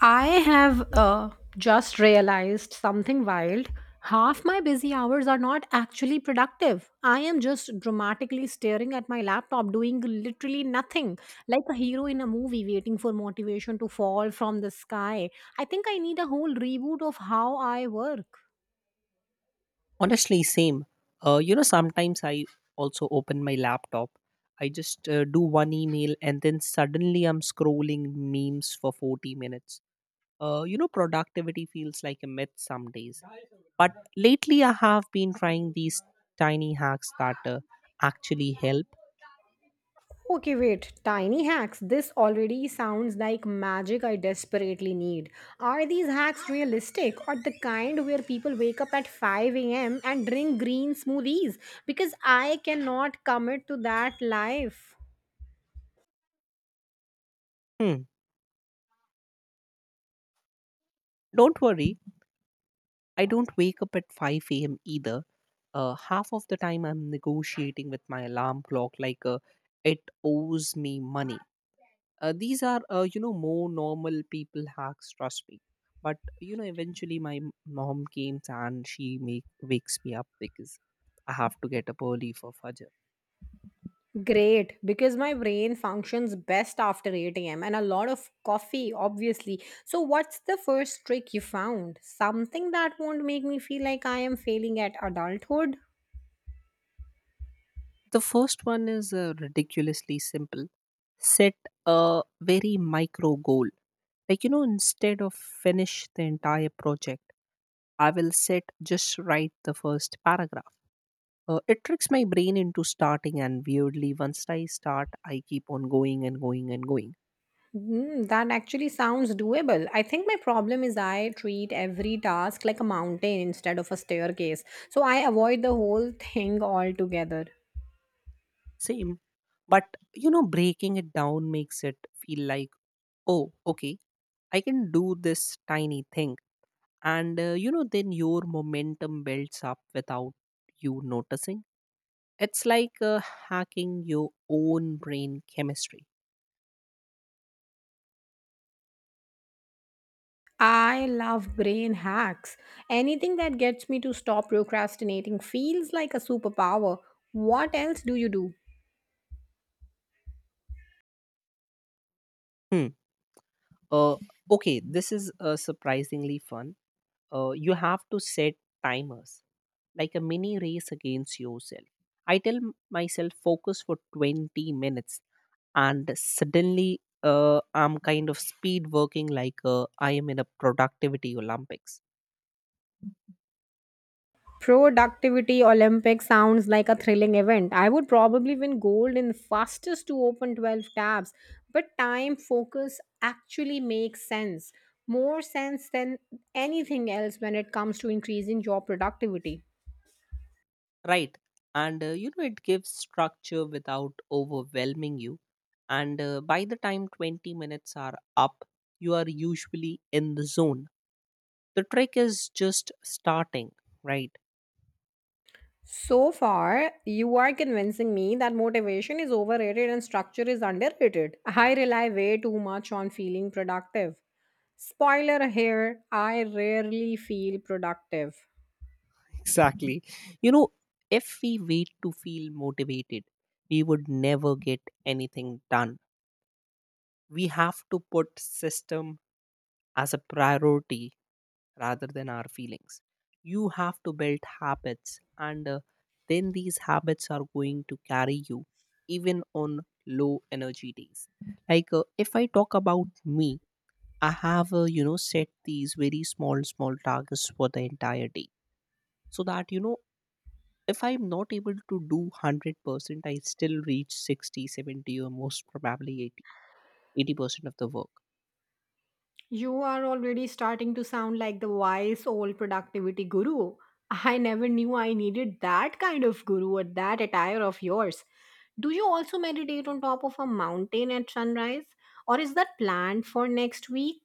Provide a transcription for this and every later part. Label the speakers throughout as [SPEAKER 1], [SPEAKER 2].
[SPEAKER 1] I have just realized something wild. Half my busy hours are not actually productive. I am just dramatically staring at my laptop doing literally nothing, like a hero in a movie waiting for motivation to fall from the sky. I think I need a whole reboot of how I work.
[SPEAKER 2] Honestly, same. Sometimes I also open my laptop. I just do one email, and then suddenly I'm scrolling memes for 40 minutes. Productivity feels like a myth some days. But lately I have been trying these tiny hacks that actually help.
[SPEAKER 1] Okay, wait. Tiny hacks. This already sounds like magic I desperately need. Are these hacks realistic or the kind where people wake up at 5 a.m. and drink green smoothies? Because I cannot commit to that life.
[SPEAKER 2] Hmm. Don't worry, I don't wake up at 5 a.m. either. Half of the time I'm negotiating with my alarm clock like it owes me money. These are, more normal people hacks, trust me. But, eventually my mom came and she wakes me up because I have to get up early for Fajr.
[SPEAKER 1] Great, because my brain functions best after 8 a.m. and a lot of coffee, obviously. So, what's the first trick you found? Something that won't make me feel like I am failing at adulthood?
[SPEAKER 2] The first one is ridiculously simple. Set a very micro goal. Like, instead of finish the entire project, I will sit just write the first paragraph. It tricks my brain into starting, and weirdly, once I start, I keep on going and going and going.
[SPEAKER 1] Hmm, that actually sounds doable. I think my problem is I treat every task like a mountain instead of a staircase. So I avoid the whole thing altogether.
[SPEAKER 2] Same. But, breaking it down makes it feel like, oh, okay, I can do this tiny thing. And, then your momentum builds up without you noticing. It's like hacking your own brain chemistry.
[SPEAKER 1] I love brain hacks. Anything that gets me to stop procrastinating feels like a superpower. What else do you do?
[SPEAKER 2] Hmm. Uh, okay, this is surprisingly fun. You have to set timers like a mini race against yourself. I tell myself focus for 20 minutes, and suddenly, I'm kind of speed working, like I am in a productivity olympics.
[SPEAKER 1] Productivity Olympics sounds like a thrilling event. I would probably win gold in fastest to open 12 tabs, but time focus actually makes sense. More sense than anything else when it comes to increasing your productivity.
[SPEAKER 2] Right. And it gives structure without overwhelming you. And by the time 20 minutes are up, you are usually in the zone. The trick is just starting. Right.
[SPEAKER 1] So far, you are convincing me that motivation is overrated and structure is underrated. I rely way too much on feeling productive. Spoiler here, I rarely feel productive.
[SPEAKER 2] Exactly. You know, if we wait to feel motivated, we would never get anything done. We have to put system as a priority rather than our feelings. You have to build habits, and then these habits are going to carry you even on low energy days. Like, if I talk about me, I have, set these very small, small targets for the entire day, so that, if I'm not able to do 100%, I still reach 60, 70, or most probably 80 eighty percent of the work.
[SPEAKER 1] You are already starting to sound like the wise old productivity guru. I never knew I needed that kind of guru or that attire of yours. Do you also meditate on top of a mountain at sunrise? Or is that planned for next week?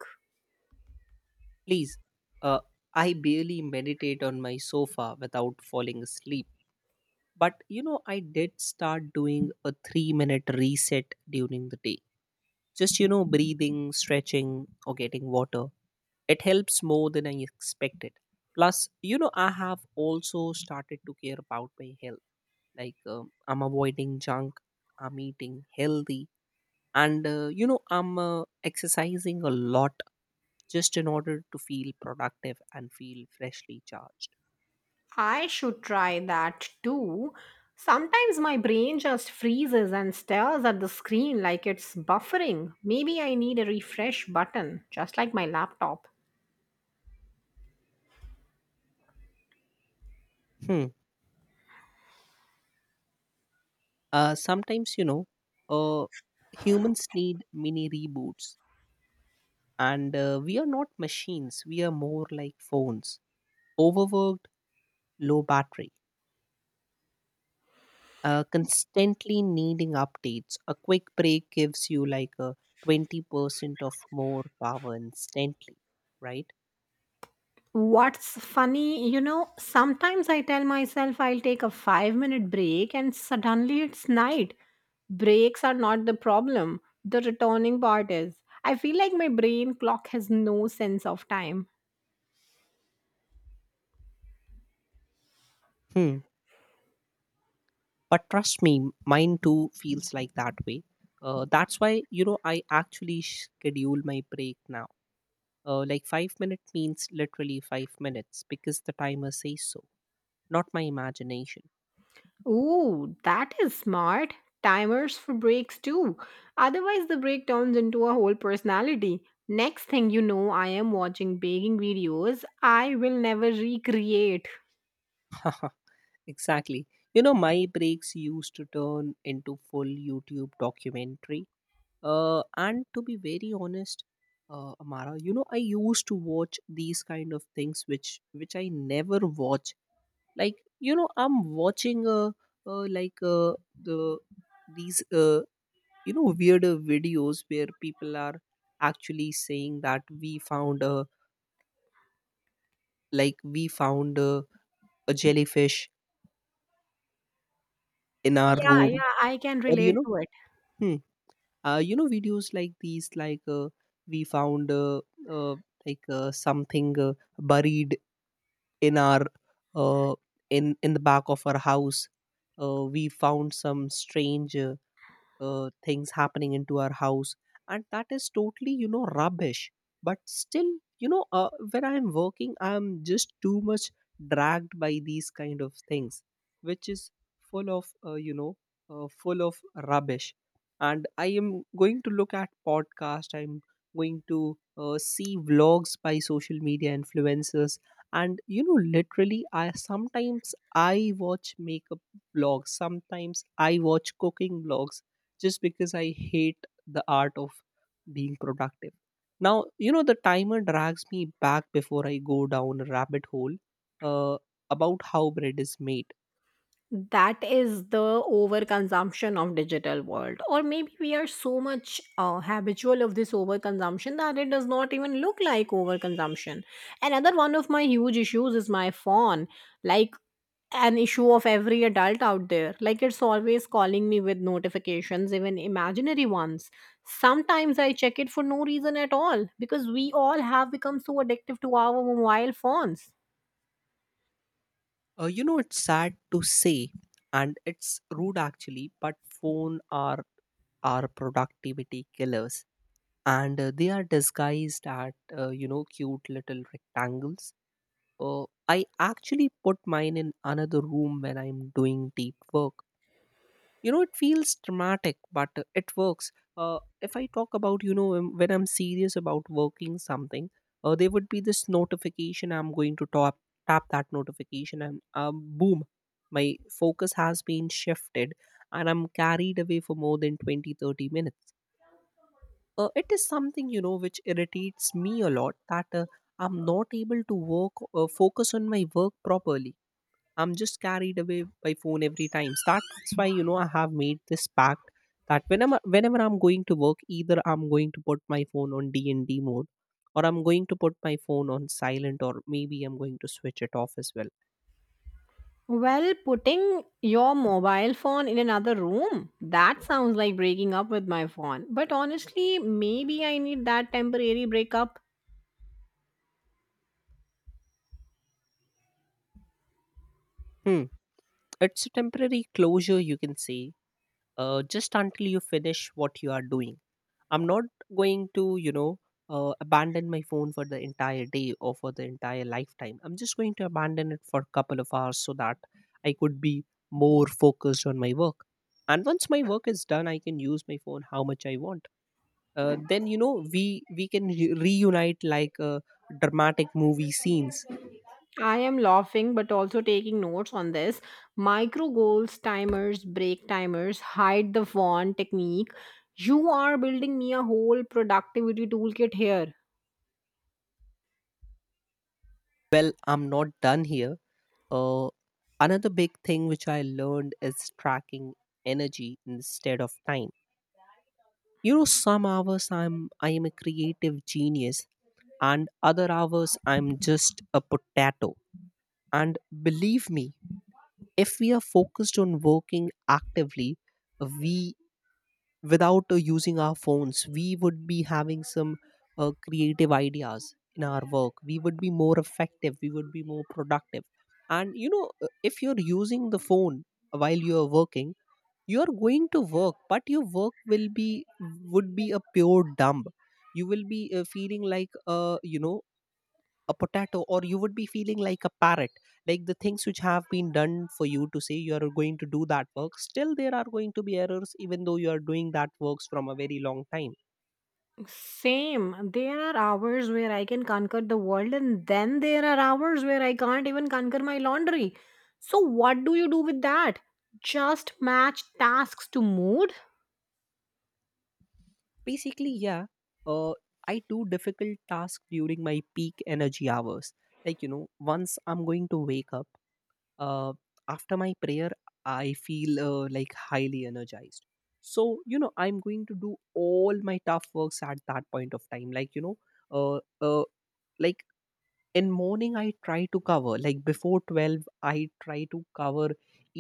[SPEAKER 2] Please. uh, I barely meditate on my sofa without falling asleep. But I did start doing a 3-minute reset during the day, just breathing, stretching, or getting water. It helps more than I expected. Plus, I have also started to care about my health. Like, I'm avoiding junk, I'm eating healthy, and I'm exercising a lot, just in order to feel productive and feel freshly charged.
[SPEAKER 1] I should try that too. Sometimes my brain just freezes and stares at the screen like it's buffering. Maybe I need a refresh button, just like my laptop.
[SPEAKER 2] Hmm. Sometimes, uh, humans need mini reboots. And we are not machines, we are more like phones: overworked, low battery, constantly needing updates. A quick break gives you like a 20% of more power instantly, right?
[SPEAKER 1] What's funny, you know, sometimes I tell myself I'll take a 5 minute break and suddenly it's night. Breaks are not the problem, the returning part is. I feel like my brain clock has no sense of time.
[SPEAKER 2] Hmm. But trust me, mine too feels like that way. That's why, I actually schedule my break now. Like, 5 minute means literally 5 minutes because the timer says so, not my imagination.
[SPEAKER 1] Ooh, that is smart. Timers for breaks too. Otherwise, the break turns into a whole personality. Next thing you know, I am watching baking videos I will never recreate.
[SPEAKER 2] Exactly. My breaks used to turn into full YouTube documentary, and to be very honest, Amara, I used to watch these kind of things which I never watch. Like, I'm watching like, the these weirder videos where people are actually saying that we found a like, we found a jellyfish in our
[SPEAKER 1] Yeah,
[SPEAKER 2] room.
[SPEAKER 1] yeah, I can
[SPEAKER 2] Or,
[SPEAKER 1] relate to it.
[SPEAKER 2] hmm, videos like these, like, we found, uh, like, something buried in our, uh, in the back of our house. We found some strange things happening into our house, and that is totally, rubbish. But still, when I am working I am just too much dragged by these kind of things, which is full of full of rubbish. And I am going to look at podcast, I'm going to see vlogs by social media influencers. And literally, I sometimes I watch makeup vlogs, sometimes I watch cooking vlogs, just because I hate the art of being productive. Now, the timer drags me back before I go down a rabbit hole uh, about how bread is made.
[SPEAKER 1] That is the overconsumption of digital world, or maybe we are so much habitual of this overconsumption that it does not even look like overconsumption. Another one of my huge issues is my phone, like an issue of every adult out there. Like, it's always calling me with notifications, even imaginary ones. Sometimes I check it for no reason at all, because we all have become so addictive to our mobile phones.
[SPEAKER 2] It's sad to say, and it's rude actually, but phone are productivity killers, and they are disguised at cute little rectangles. I actually put mine in another room when I'm doing deep work. It feels dramatic, but it works. uh, if I talk about, when I'm serious about working something, there would be this notification, I'm going to tap, that notification, and boom, my focus has been shifted, and I'm carried away for more than 20, 30 minutes. It is something, which irritates me a lot, that I'm not able to work, focus on my work properly. I'm just carried away by phone every time. So, that's why I have made this pact that whenever I'm going to work, either I'm going to put my phone on D and D mode, or I'm going to put my phone on silent, or maybe I'm going to switch it off as well.
[SPEAKER 1] Well, putting your mobile phone in another room, that sounds like breaking up with my phone. But honestly, maybe I need that temporary breakup.
[SPEAKER 2] Hmm. It's a temporary closure, you can say, just until you finish what you are doing. I'm not going to abandon my phone for the entire day or for the entire lifetime. I'm just going to abandon it for a couple of hours so that I could be more focused on my work, and once my work is done I can use my phone how much I want. Then we can reunite like dramatic movie scenes.
[SPEAKER 1] I am laughing, but also taking notes on this. Micro goals, timers, break timers, hide the phone technique. You are building me a whole productivity toolkit here.
[SPEAKER 2] Well, I'm not done here. uh, Another big thing which I learned is tracking energy instead of time. You know, some hours I am a creative genius, and other hours I'm just a potato. And believe me, if we are focused on working actively, we, without using our phones, we would be having some creative ideas in our work. We would be more effective. We would be more productive. And if you're using the phone while you're working, you are going to work, but your work will be would be a pure dump. You will be feeling like a you know a potato, or you would be feeling like a parrot, like the things which have been done for you to say, you are going to do that work, still there are going to be errors even though you are doing that works from a very long time.
[SPEAKER 1] Same. There are hours where I can conquer the world, and then there are hours where I can't even conquer my laundry. So, what do you do with that? Just match tasks to mood?
[SPEAKER 2] Basically, yeah. uh, I do difficult tasks during my peak energy hours, like once I'm going to wake up, uh, after my prayer I feel, like, highly energized. So, I'm going to do all my tough works at that point of time, uh, uh, like in morning I try to cover, like before 12 I try to cover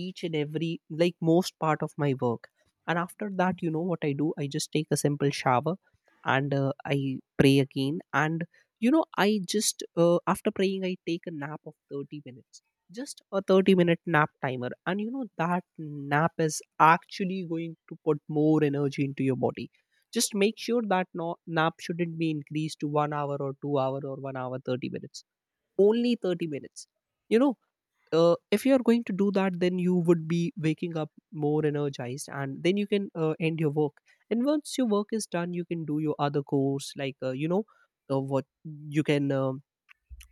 [SPEAKER 2] each and every, like most part of my work. And after that, you know what I do, I just take a simple shower. And I pray again, and I just, after praying, I take a nap of 30 minutes. Just a 30-minute nap timer, and that nap is actually going to put more energy into your body. Just make sure that no, nap shouldn't be increased to 1 hour or 2 hour or 1 hour 30 minutes, only 30 minutes. you know if you are going to do that, then you would be waking up more energized, and then you can end your work. And once your work is done, you can do your other course, like what you can,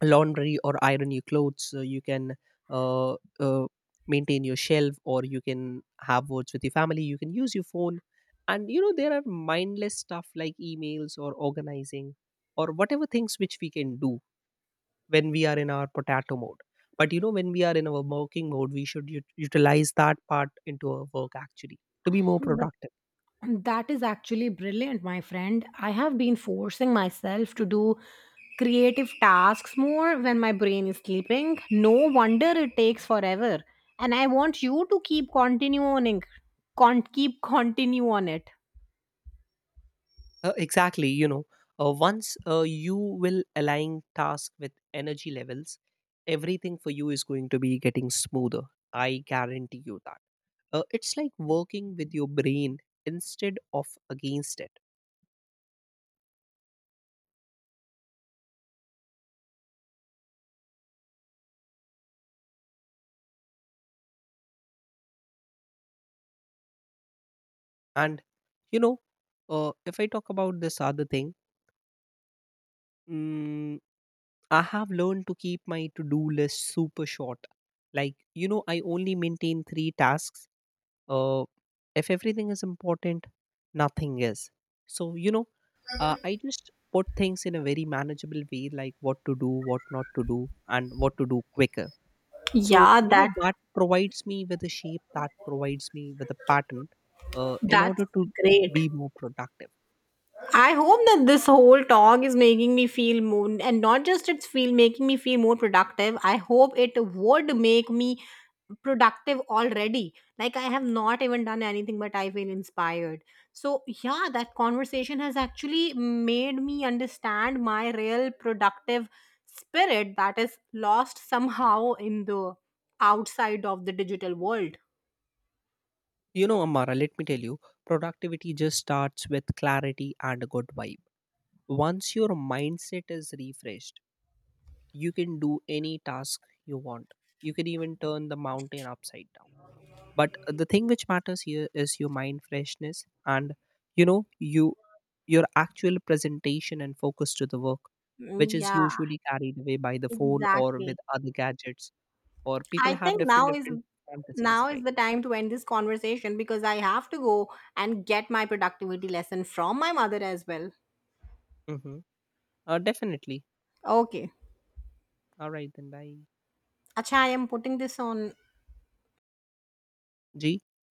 [SPEAKER 2] laundry or iron your clothes. You can, uh, uh, maintain your shelf, or you can have words with your family, you can use your phone. And there are mindless stuff like emails or organizing or whatever things which we can do when we are in our potato mode. But when we are in our working mode, we should utilize that part into our work, actually, to be more
[SPEAKER 1] But
[SPEAKER 2] productive.
[SPEAKER 1] that is actually brilliant, my friend. I have been forcing myself to do creative tasks more when my brain is sleeping. No wonder it takes forever. And I want you to keep continuing, keep continue on it.
[SPEAKER 2] Exactly. Once you will align task with energy levels, everything for you is going to be getting smoother. I guarantee you that. It's like working with your brain instead of against it. And you know if I talk about this other thing, mm, I have learned to keep my to do list super short. Like, I only maintain three tasks. Uh, if everything is important, nothing is. So, I just put things in a very manageable way, like what to do, what not to do, and what to do quicker. So,
[SPEAKER 1] Yeah,
[SPEAKER 2] that provides me with a shape, that provides me with a pattern in
[SPEAKER 1] that's
[SPEAKER 2] order to
[SPEAKER 1] great.
[SPEAKER 2] be more productive.
[SPEAKER 1] I hope that this whole talk is making me feel more, and not just it's feel making me feel more productive. I hope it would make me productive already. Like, I have not even done anything, but I feel inspired. So yeah, that conversation has actually made me understand my real productive spirit that is lost somehow in the outside of the digital world.
[SPEAKER 2] Amara, let me tell you, productivity just starts with clarity and a good vibe. Once your mindset is refreshed, you can do any task you want, you can even turn the mountain upside down. But the thing which matters here is your mind freshness and you know you your actual presentation and focus to the work, which
[SPEAKER 1] Mm,
[SPEAKER 2] is
[SPEAKER 1] yeah,
[SPEAKER 2] usually carried away by the phone or with
[SPEAKER 1] exactly.
[SPEAKER 2] other gadgets, or
[SPEAKER 1] I
[SPEAKER 2] people have
[SPEAKER 1] think
[SPEAKER 2] different fantasies,
[SPEAKER 1] now is
[SPEAKER 2] right?
[SPEAKER 1] the time to end this conversation because I have to go and get my productivity lesson from my mother as well.
[SPEAKER 2] Mm-hmm. Definitely.
[SPEAKER 1] Okay.
[SPEAKER 2] All right, then bye.
[SPEAKER 1] Acha, I am putting this on
[SPEAKER 2] G.